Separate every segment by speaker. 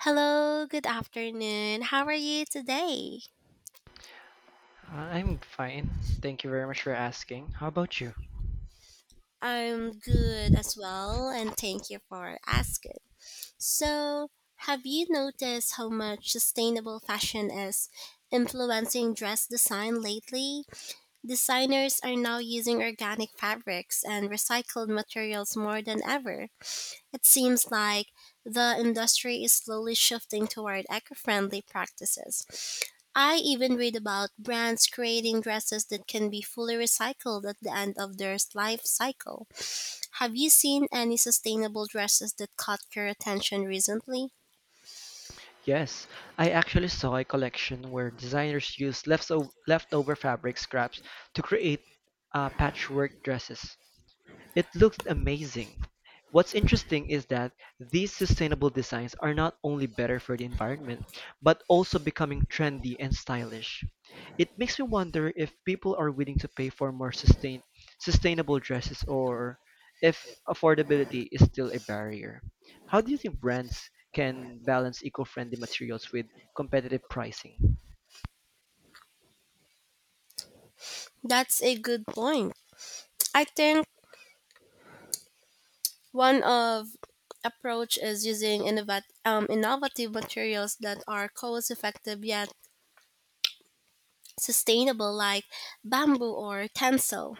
Speaker 1: Hello, good afternoon. How are you today?
Speaker 2: I'm fine. Thank you very much for asking. How about you?
Speaker 1: I'm good as well, and thank you for asking. So, have you noticed how much sustainable fashion is influencing dress design lately? Designers are now using organic fabrics and recycled materials more than ever. It seems like the industry is slowly shifting toward eco friendly practices. I even read about brands creating dresses that can be fully recycled at the end of their life cycle. Have you seen any sustainable dresses that caught your attention recently?
Speaker 2: Yes, I actually saw a collection where designers used leftover fabric scraps to create patchwork dresses. It looks amazing. What's interesting is that these sustainable designs are not only better for the environment, but also becoming trendy and stylish. It makes me wonder if people are willing to pay for more sustainable dresses, or if affordability is still a barrier. How do you think brands can balance eco-friendly materials with competitive pricing?
Speaker 1: That's a good point. I think one of approach is using innovative materials that are cost effective yet sustainable like bamboo or tencel.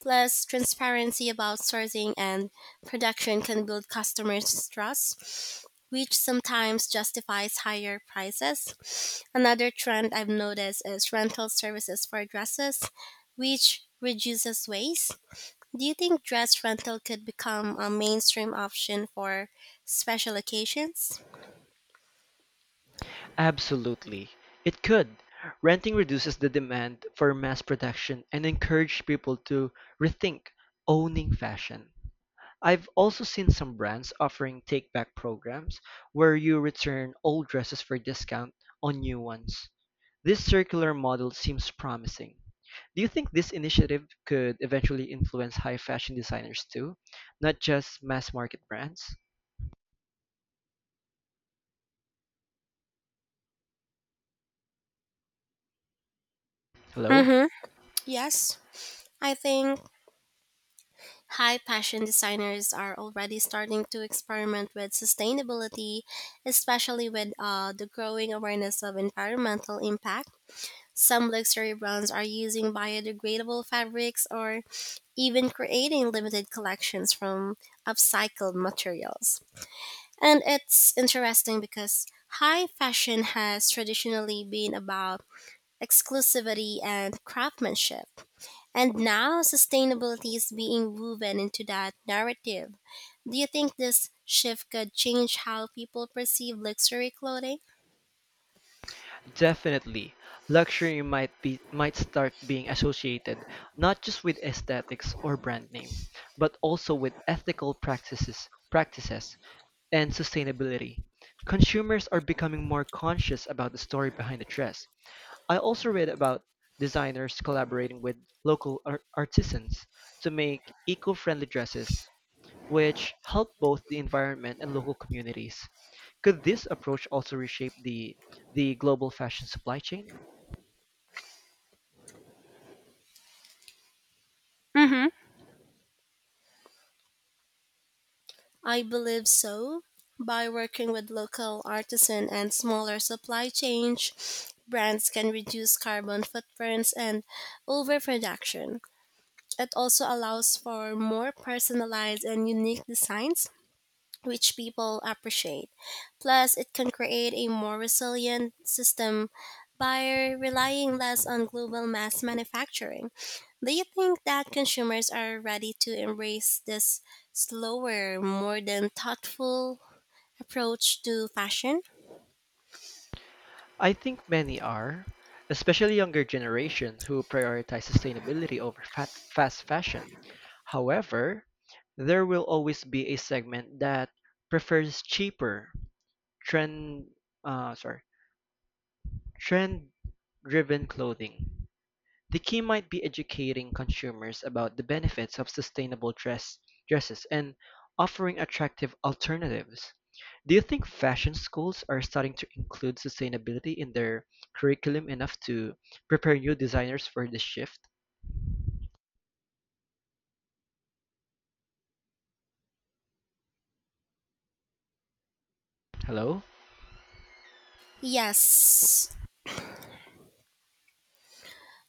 Speaker 1: Plus, transparency about sourcing and production can build customers' trust, which sometimes justifies higher prices. Another trend I've noticed is rental services for dresses, which reduces waste. Do you think dress rental could become a mainstream option for special occasions?
Speaker 2: Absolutely, it could. Renting reduces the demand for mass production and encourage people to rethink owning fashion. I've also seen some brands offering take back programs where you return old dresses for discount on new ones. This circular model seems promising. Do you think this initiative could eventually influence high fashion designers too, not just mass market brands? Hello?
Speaker 1: Mm-hmm. Yes, I think high fashion designers are already starting to experiment with sustainability, especially with the growing awareness of environmental impact. Some luxury brands are using biodegradable fabrics or even creating limited collections from upcycled materials. And it's interesting because high fashion has traditionally been about exclusivity and craftsmanship, and now sustainability is being woven into that narrative. Do you think this shift could change how people perceive luxury clothing?
Speaker 2: Definitely, luxury might be might start being associated not just with aesthetics or brand name, but also with ethical practices and sustainability. Consumers are becoming more conscious about the story behind the dress. I also read about designers collaborating with local artisans to make eco-friendly dresses, which help both the environment and local communities. Could this approach also reshape the global fashion supply chain?
Speaker 1: Mm-hmm. I believe so. By working with local artisan and smaller supply chains, brands can reduce carbon footprints and overproduction. It also allows for more personalized and unique designs which people appreciate. Plus, it can create a more resilient system by relying less on global mass manufacturing. Do you think that consumers are ready to embrace this slower, more than thoughtful approach to fashion?
Speaker 2: I think many are, especially younger generation who prioritize sustainability over fast fashion. However, there will always be a segment that prefers cheaper trend uh, sorry trend driven clothing. The key might be educating consumers about the benefits of dresses, and offering attractive alternatives. Do you think fashion schools are starting to include sustainability in their curriculum enough to prepare new designers for this shift? Hello?
Speaker 1: Yes.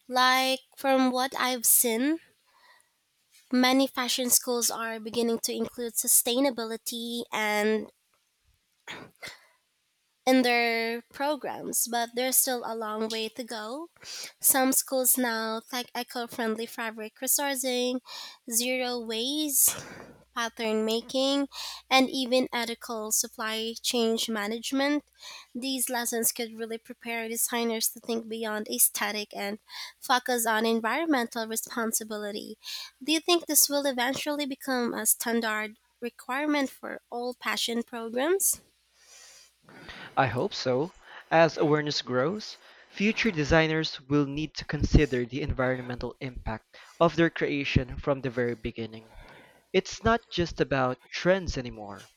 Speaker 1: Like from what I've seen, many fashion schools are beginning to include sustainability and in their programs, but there's still a long way to go. Some schools now tag eco friendly fabric resourcing, zero waste, pattern making, and even ethical supply chain management. These lessons could really prepare designers to think beyond aesthetic and focus on environmental responsibility. Do you think this will eventually become a standard requirement for all passion programs?
Speaker 2: I hope so. As awareness grows, future designers will need to consider the environmental impact of their creation from the very beginning. It's not just about trends anymore.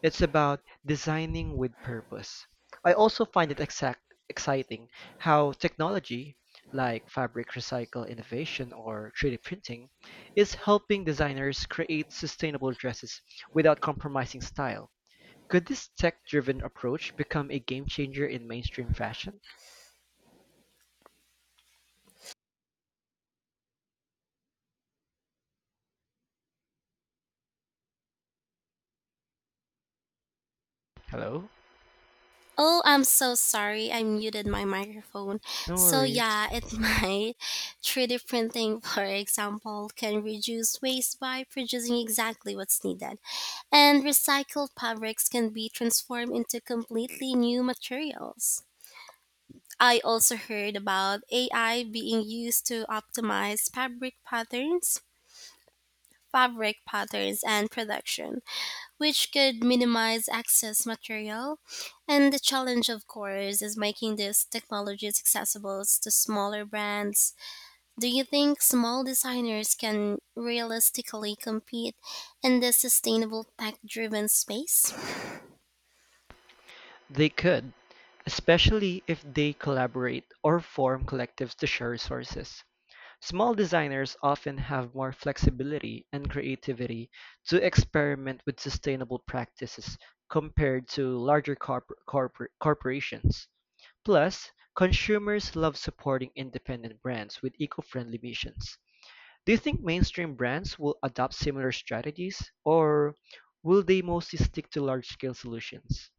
Speaker 2: It's about designing with purpose. I also find it exciting how technology, like fabric recycle innovation or 3D printing, is helping designers create sustainable dresses without compromising style. Could this tech driven approach become a game changer in mainstream fashion? Hello?
Speaker 1: Oh, I'm so sorry. I muted my microphone.
Speaker 2: No
Speaker 1: So,
Speaker 2: worries.
Speaker 1: yeah, it might. 3D printing, for example, can reduce waste by producing exactly what's needed. And recycled fabrics can be transformed into completely new materials. I also heard about AI being used to optimize fabric patterns and production which could minimize excess material. And the challenge, of course, is making these technologies accessible to smaller brands. Do you think small designers can realistically compete in the sustainable tech driven space?
Speaker 2: They could, especially if they collaborate or form collectives to share resources. Small designers often have more flexibility and creativity to experiment with sustainable practices compared to larger corporations. Plus, consumers love supporting independent brands with eco-friendly missions. Do you think mainstream brands will adopt similar strategies, or will they mostly stick to large-scale solutions?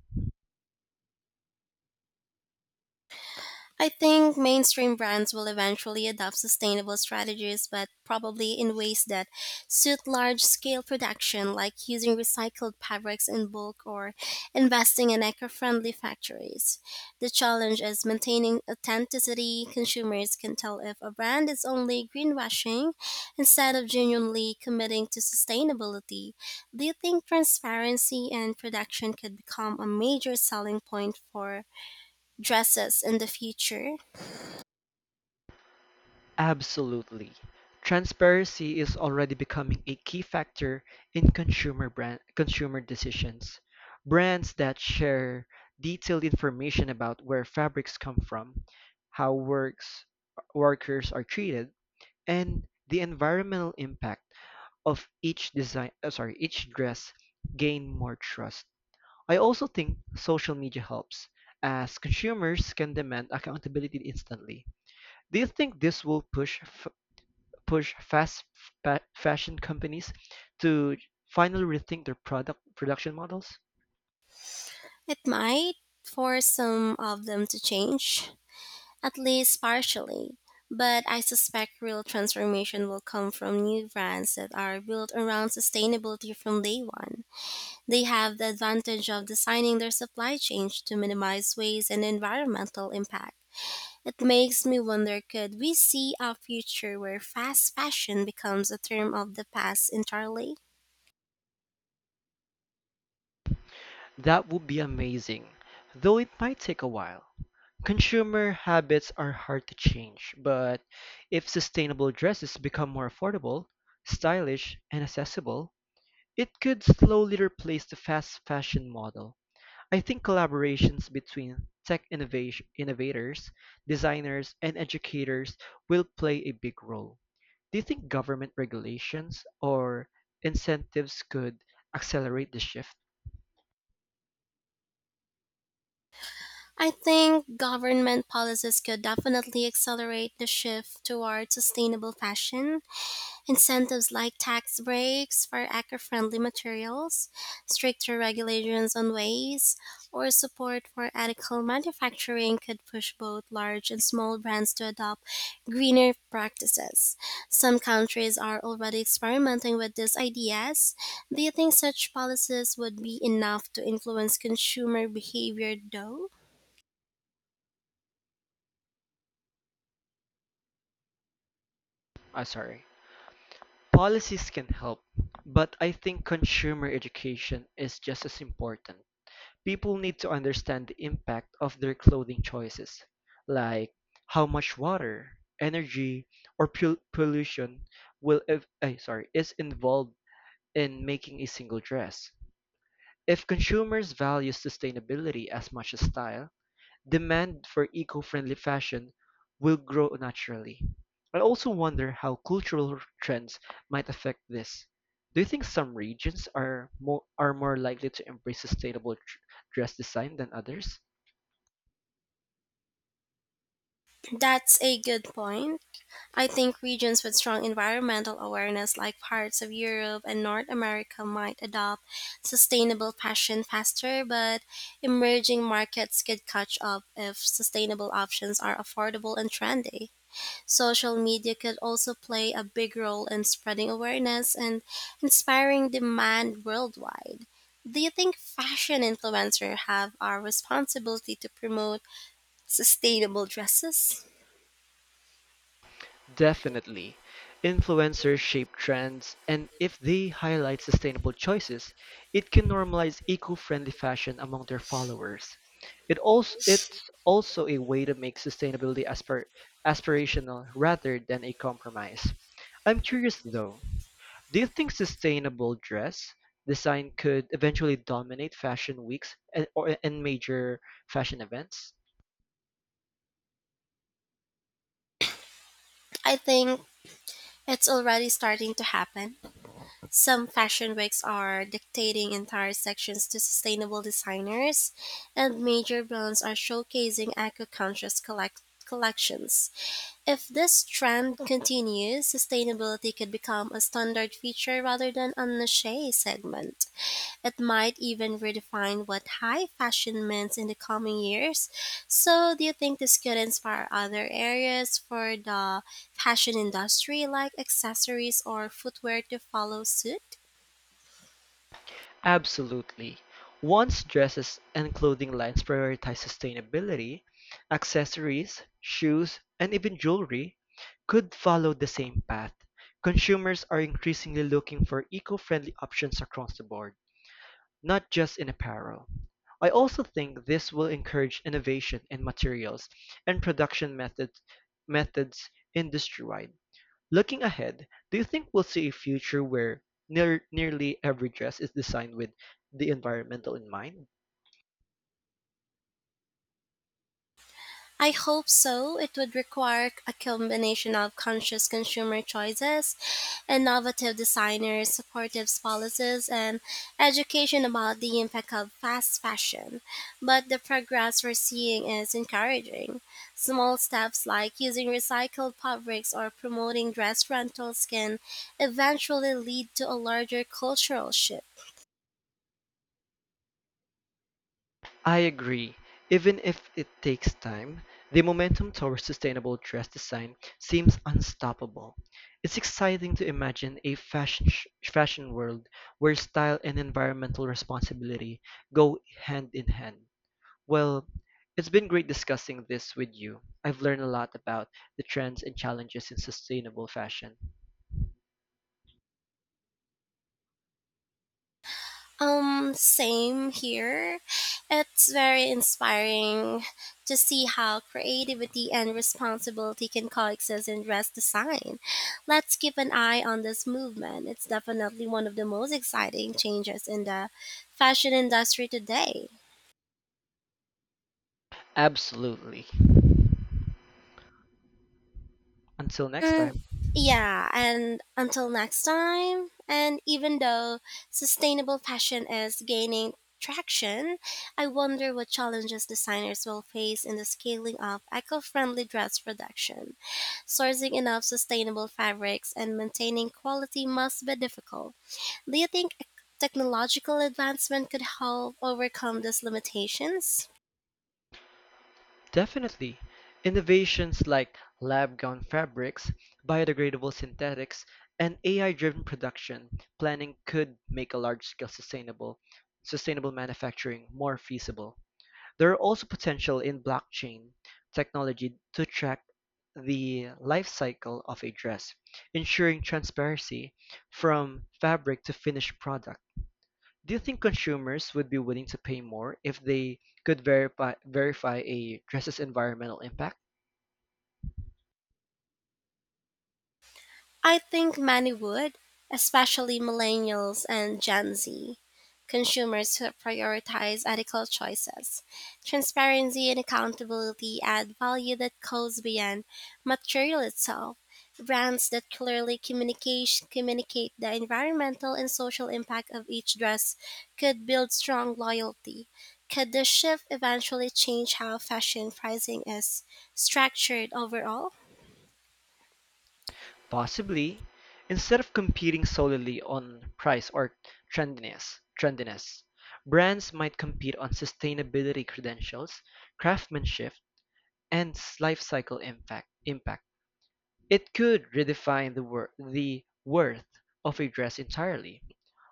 Speaker 1: I think mainstream brands will eventually adopt sustainable strategies, but probably in ways that suit large scale production, like using recycled fabrics in bulk or investing in eco friendly factories. The challenge is maintaining authenticity. Consumers can tell if a brand is only greenwashing instead of genuinely committing to sustainability. Do you think transparency and production could become a major selling point for dresses in the future?
Speaker 2: Absolutely. Transparency is already becoming a key factor in consumer decisions. Brands that share detailed information about where fabrics come from, how works workers are treated, and the environmental impact of each dress gain more trust. I also think social media helps as consumers can demand accountability instantly. Do you think this will push fashion companies to finally rethink their production models?
Speaker 1: It might force some of them to change, at least partially, but I suspect real transformation will come from new brands that are built around sustainability from day one. They have the advantage of designing their supply chains to minimize waste and environmental impact. It makes me wonder, could we see a future where fast fashion becomes a term of the past entirely?
Speaker 2: That would be amazing, though it might take a while. Consumer habits are hard to change, but if sustainable dresses become more affordable, stylish, and accessible, it could slowly replace the fast fashion model. I think collaborations between innovators, designers, and educators will play a big role. Do you think government regulations or incentives could accelerate the shift?
Speaker 1: I think government policies could definitely accelerate the shift toward sustainable fashion. Incentives like tax breaks for eco friendly materials, stricter regulations on waste, or support for ethical manufacturing could push both large and small brands to adopt greener practices. Some countries are already experimenting with these ideas. Do you think such policies would be enough to influence consumer behavior, though?
Speaker 2: Ah, sorry. Policies can help, but I think consumer education is just as important. People need to understand the impact of their clothing choices, like how much water, energy, or pollution will ev- eh, sorry, is involved in making a single dress. If consumers value sustainability as much as style, demand for eco-friendly fashion will grow naturally. I also wonder how cultural trends might affect this. Do you think some regions are more likely to embrace dress design than others?
Speaker 1: That's a good point. I think regions with strong environmental awareness, like parts of Europe and North America, might adopt sustainable fashion faster, but emerging markets could catch up if sustainable options are affordable and trendy. Social media could also play a big role in spreading awareness and inspiring demand worldwide. Do you think fashion influencers have our responsibility to promote sustainable dresses?
Speaker 2: Definitely. Influencers shape trends, and if they highlight sustainable choices, it can normalize eco-friendly fashion among their followers. It's also a way to make sustainability aspirational rather than a compromise. I'm curious though, do you think sustainable dress design could eventually dominate fashion weeks and major fashion events?
Speaker 1: I think it's already starting to happen. Some fashion wigs are dictating entire sections to sustainable designers, and major brands are showcasing eco conscious collections. If this trend continues, sustainability could become a standard feature rather than a niche segment. It might even redefine what high fashion means in the coming years. So, do you think this could inspire other areas for the fashion industry, like accessories or footwear, to follow suit?
Speaker 2: Absolutely. Once dresses and clothing lines prioritize sustainability, accessories, shoes, and even jewelry could follow the same path. Consumers are increasingly looking for eco-friendly options across the board, not just in apparel. I also think this will encourage innovation in materials and production methods methods industry-wide. Looking ahead, do you think we'll see a future where nearly every dress is designed with the environmental in mind?
Speaker 1: I hope so. It would require a combination of conscious consumer choices, innovative designers, supportive policies, and education about the impact of fast fashion. But the progress we're seeing is encouraging. Small steps like using recycled fabrics or promoting dress rentals can eventually lead to a larger cultural shift.
Speaker 2: I agree. Even if it takes time, the momentum towards sustainable dress design seems unstoppable. It's exciting to imagine a fashion world where style and environmental responsibility go hand in hand. Well, it's been great discussing this with you. I've learned a lot about the trends and challenges in sustainable fashion.
Speaker 1: Same here. It's very inspiring to see how creativity and responsibility can coexist in dress design. Let's keep an eye on this movement. It's definitely one of the most exciting changes in the fashion industry today.
Speaker 2: Absolutely. Until next
Speaker 1: Mm,
Speaker 2: time.
Speaker 1: yeah, and until next time, and even though sustainable fashion is gaining traction, I wonder what challenges designers will face in the scaling of eco friendly dress production. Sourcing enough sustainable fabrics and maintaining quality must be difficult. Do you think technological advancement could help overcome these limitations?
Speaker 2: Definitely. Innovations like lab grown fabrics, biodegradable synthetics, and AI-driven production planning could make a large-scale sustainable manufacturing more feasible. There are also potential in blockchain technology to track the life cycle of a dress, ensuring transparency from fabric to finished product. Do you think consumers would be willing to pay more if they could verify a dress's environmental impact?
Speaker 1: I think many would, especially millennials and Gen Z, consumers who prioritize ethical choices. Transparency and accountability add value that goes beyond material itself. Brands that clearly communicate the environmental and social impact of each dress could build strong loyalty. Could the shift eventually change how fashion pricing is structured overall?
Speaker 2: Possibly, instead of competing solely on price or trendiness, brands might compete on sustainability credentials, craftsmanship, and life cycle Impact. It could redefine the worth of a dress entirely.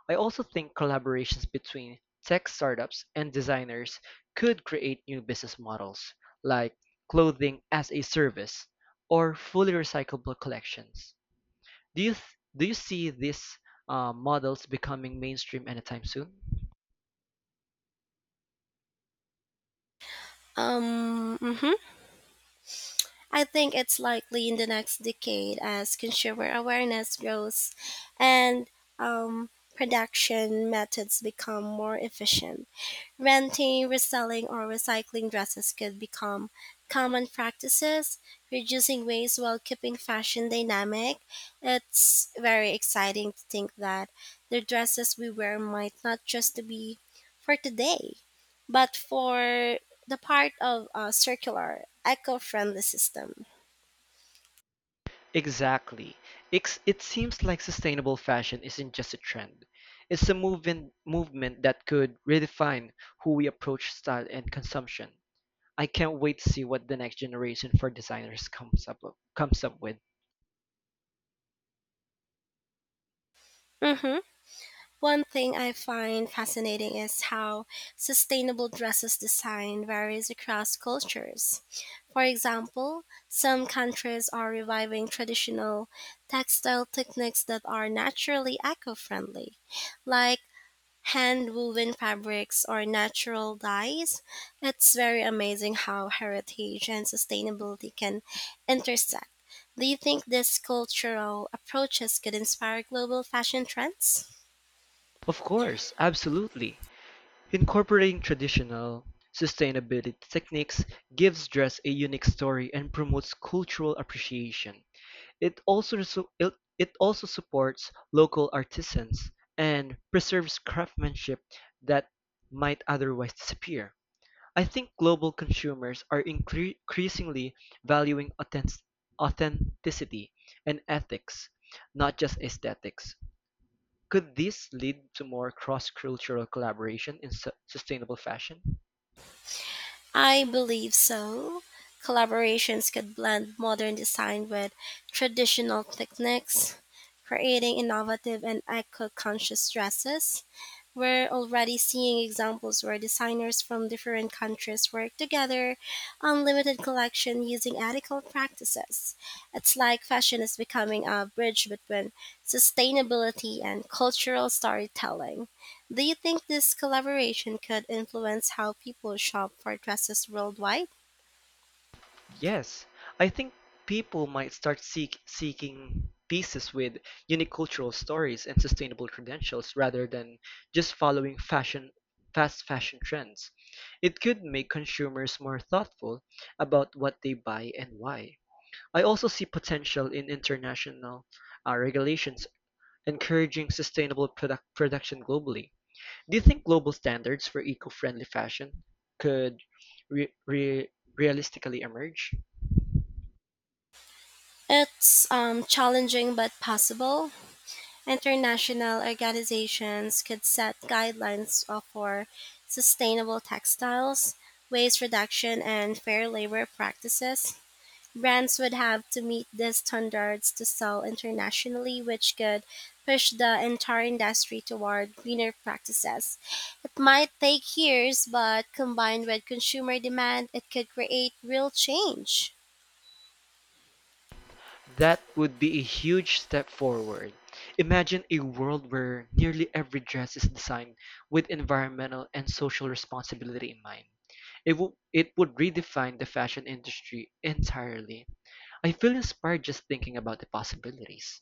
Speaker 2: I also think collaborations between tech startups and designers could create new business models, like clothing as a service or fully recyclable collections. Do you see these models becoming mainstream anytime soon?
Speaker 1: Um, mhm. I think it's likely in the next decade as consumer awareness grows and um, production methods become more efficient. Renting, reselling, or recycling dresses could become common practices, reducing waste while keeping fashion dynamic. It's very exciting to think that the dresses we wear might not just be for today, but for the part of a circular, eco friendly system.
Speaker 2: Exactly. It seems like sustainable fashion isn't just a trend. It's a movement that could redefine who we approach style and consumption. I can't wait to see what the next generation for designers comes up with.
Speaker 1: Mm-hmm. One thing I find fascinating is how sustainable dresses design varies across cultures. For example, some countries are reviving traditional textile techniques that are naturally eco friendly, like hand woven fabrics or natural dyes. It's very amazing how heritage and sustainability can intersect. Do you think these cultural approaches could inspire global fashion trends?
Speaker 2: Of course, absolutely. Incorporating traditional sustainability techniques gives dress a unique story and promotes cultural appreciation. It also supports local artisans and preserves craftsmanship that might otherwise disappear. I think global consumers are increasingly valuing authentic- authenticity and ethics, not just aesthetics. Could this lead to more cross cultural collaboration in sustainable fashion?
Speaker 1: I believe so. Collaborations could blend modern design with traditional techniques, creating innovative and eco conscious dresses. We're already seeing examples where designers from different countries work together on limited collection using ethical practices. It's like fashion is becoming a bridge between sustainability and cultural storytelling. Do you think this collaboration could influence how people shop for dresses worldwide?
Speaker 2: Yes, I think people might seeking pieces with unique cultural stories and sustainable credentials rather than just following fashion fast fashion trends. It could make consumers more thoughtful about what they buy and why. I also see potential in international regulations encouraging sustainable production globally. Do you think global standards for eco-friendly fashion could re- re- realistically emerge?
Speaker 1: It's challenging but possible. International organizations could set guidelines for sustainable textiles, waste reduction, and fair labor practices. Brands would have to meet these standards to sell internationally, which could push the entire industry toward greener practices. It might take years, but combined with consumer demand, it could create real change.
Speaker 2: That would be a huge step forward. Imagine a world where nearly every dress is designed with environmental and social responsibility in mind. It would redefine the fashion industry entirely. I feel inspired just thinking about the possibilities.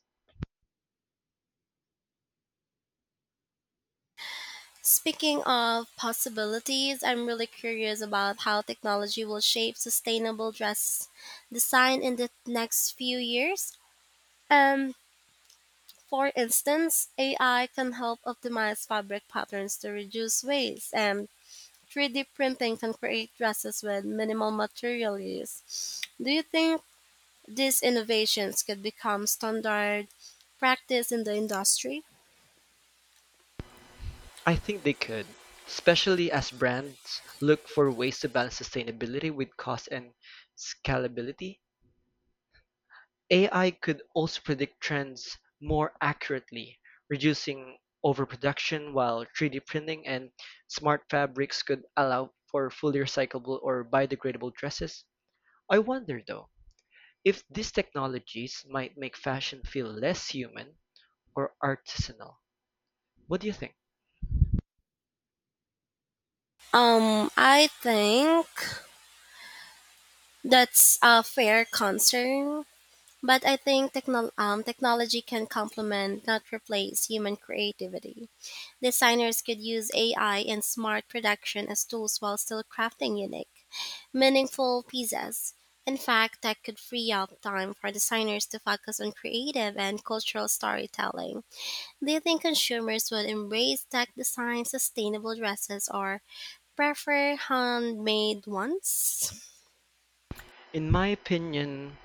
Speaker 1: Speaking of possibilities, I'm really curious about how technology will shape sustainable dress design in the next few years. Um, for instance, AI can help optimize fabric patterns to reduce waste, and 3D printing can create dresses with minimal material use. Do you think these innovations could become standard practice in the industry?
Speaker 2: I think they could, especially as brands look for ways to balance sustainability with cost and scalability. AI could also predict trends more accurately, reducing overproduction, while 3D printing and smart fabrics could allow for fully recyclable or biodegradable dresses. I wonder though, if these technologies might make fashion feel less human or artisanal. What do you think?
Speaker 1: I think that's a fair concern, but I think technology can complement, not replace, human creativity. Designers could use AI and smart production as tools while still crafting unique, meaningful pieces. In fact, that could free up time for designers to focus on creative and cultural storytelling. Do you think consumers would embrace tech design sustainable dresses or prefer handmade ones?
Speaker 2: In my opinion,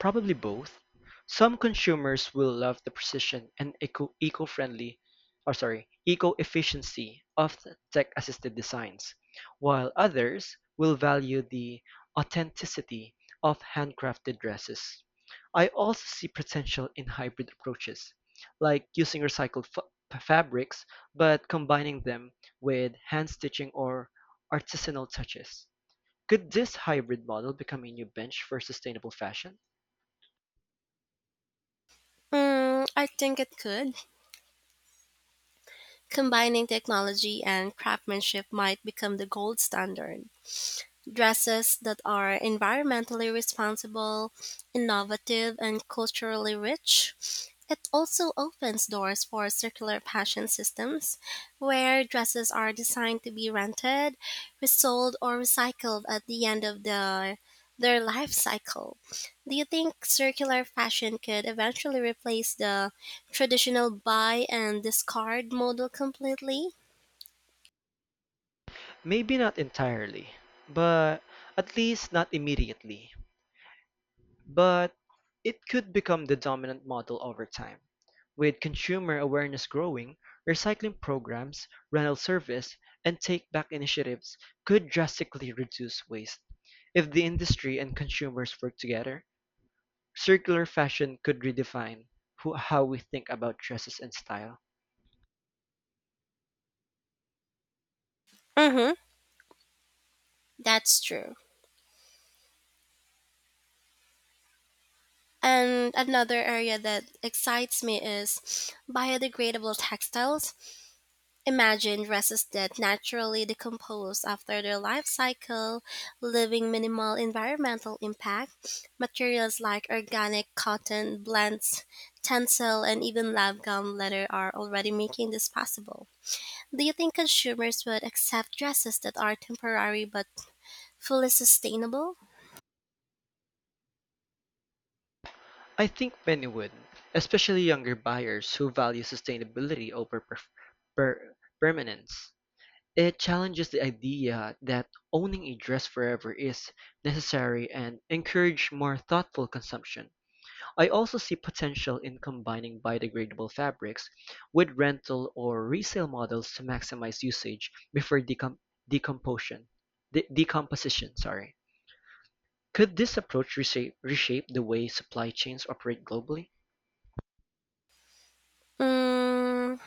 Speaker 2: probably both. Some consumers will love the precision and eco-efficiency of the tech-assisted designs, while others will value the authenticity of handcrafted dresses. I also see potential in hybrid approaches, like using recycled fabrics but combining them with hand stitching or artisanal touches. Could this hybrid model become a new bench for sustainable fashion?
Speaker 1: I think it could. Combining technology and craftsmanship might become the gold standard. Dresses that are environmentally responsible, innovative, and culturally rich. It also opens doors for circular fashion systems, where dresses are designed to be rented, resold, or recycled at the end of the, their life cycle. Do you think circular fashion could eventually replace the traditional buy and discard model completely?
Speaker 2: Maybe not entirely, but at least not immediately. But it could become the dominant model over time. With consumer awareness growing, recycling programs, rental service, and take back initiatives could drastically reduce waste if the industry and consumers work together. Circular fashion could redefine how we think about dresses and style.
Speaker 1: Mm-hmm. That's true. And another area that excites me is biodegradable textiles. Imagine dresses that naturally decompose after their life cycle, leaving minimal environmental impact. Materials like organic cotton, blends, tencel, and even lab gum leather are already making this possible. Do you think consumers would accept dresses that are temporary but fully sustainable?
Speaker 2: I think many would, especially younger buyers who value sustainability over per- permanence. It challenges the idea that owning a dress forever is necessary and encourage more thoughtful consumption. I also see potential in combining biodegradable fabrics with rental or resale models to maximize usage before decomposition. De- decomposition, sorry. Could this approach reshape the way supply chains operate globally?
Speaker 1: Mm,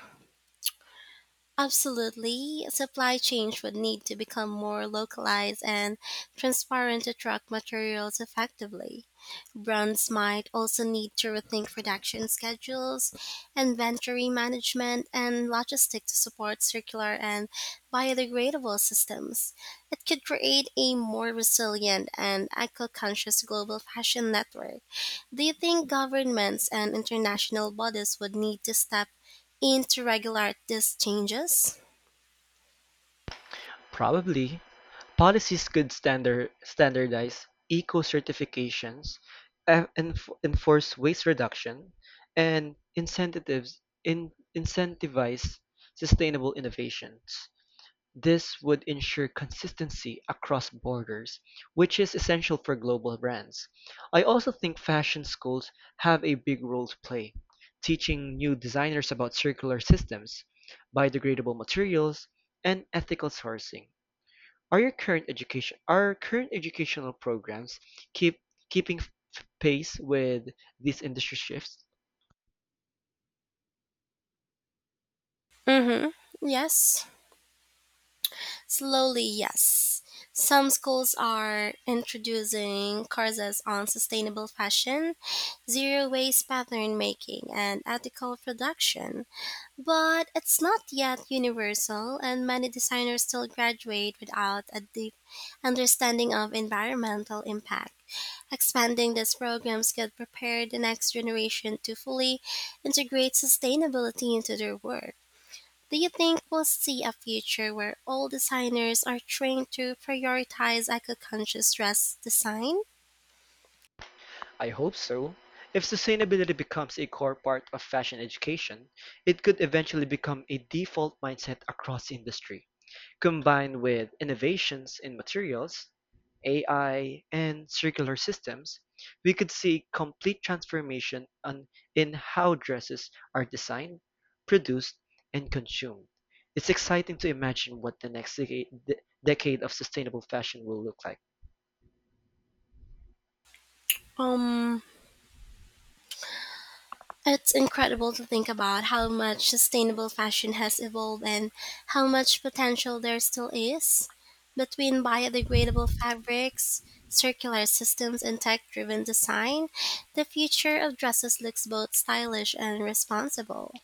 Speaker 1: Absolutely. Supply chains would need to become more localized and transparent to track materials effectively. Brands might also need to rethink production schedules, inventory management, and logistics to support circular and biodegradable systems. It could create a more resilient and eco conscious global fashion network. Do you think governments and international bodies would need to step into regular these changes?
Speaker 2: Probably. Policies could standardize eco certifications, enforce waste reduction, and incentivize sustainable innovations. This would ensure consistency across borders, which is essential for global brands. I also think fashion schools have a big role to play, teaching new designers about circular systems, biodegradable materials, and ethical sourcing. Are current educational programs keep keeping f- pace with these industry shifts?
Speaker 1: hmm Yes. Slowly, yes. Some schools are introducing courses on sustainable fashion, zero waste pattern making, and ethical production. But it's not yet universal, and many designers still graduate without a deep understanding of environmental impact. Expanding these programs could prepare the next generation to fully integrate sustainability into their work. Do you think we'll see a future where all designers are trained to prioritize eco conscious dress design?
Speaker 2: I hope so. If sustainability becomes a core part of fashion education, it could eventually become a default mindset across the industry. Combined with innovations in materials, AI, and circular systems, we could see complete in how dresses are designed, produced, and consumed. It's exciting to imagine what the decade of sustainable fashion will look like.
Speaker 1: Um, It's incredible to think about how much sustainable fashion has evolved and how much potential there still is. Between biodegradable fabrics, circular systems, and tech driven design, the future of dresses looks both stylish and responsible.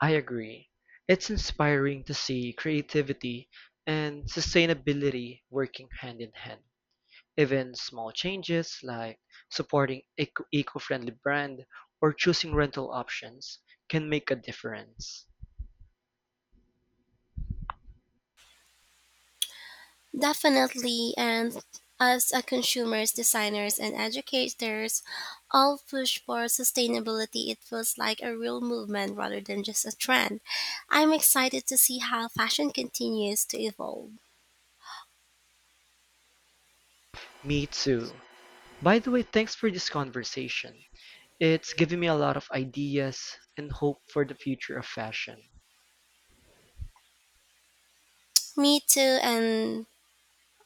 Speaker 2: I agree. It's inspiring to see creativity and sustainability working hand in hand. Even small changes like supporting eco-friendly brand or choosing rental options can make a difference.
Speaker 1: Definitely, and us as a consumers, designers, and educators, all push for sustainability. It feels like a real movement rather than just a trend. I'm excited to see how fashion continues to evolve.
Speaker 2: Me too. By the way, thanks for this conversation. It's given me a lot of ideas and hope for the future of fashion.
Speaker 1: Me too, and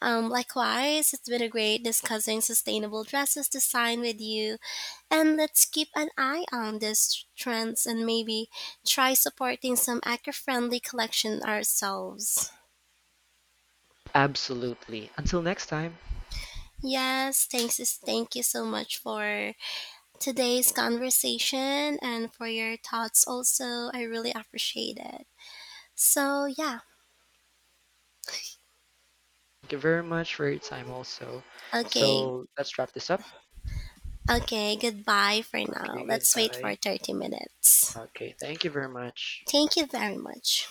Speaker 1: likewise, it's been a great discussing sustainable dresses design with you. And let's keep an eye on these trends and maybe try supporting some eco-friendly collection ourselves.
Speaker 2: Absolutely. Until next time,
Speaker 1: Yes, thanks. Thank you so much for today's conversation and for your thoughts also. I really appreciate it. So, yeah.
Speaker 2: thank you very much for your time also.
Speaker 1: Okay.
Speaker 2: So let's wrap this up.
Speaker 1: Okay, goodbye for
Speaker 2: Okay,
Speaker 1: now. Let's wait
Speaker 2: goodbye.
Speaker 1: for 30 minutes.
Speaker 2: Okay, thank you very much.
Speaker 1: Thank you very much.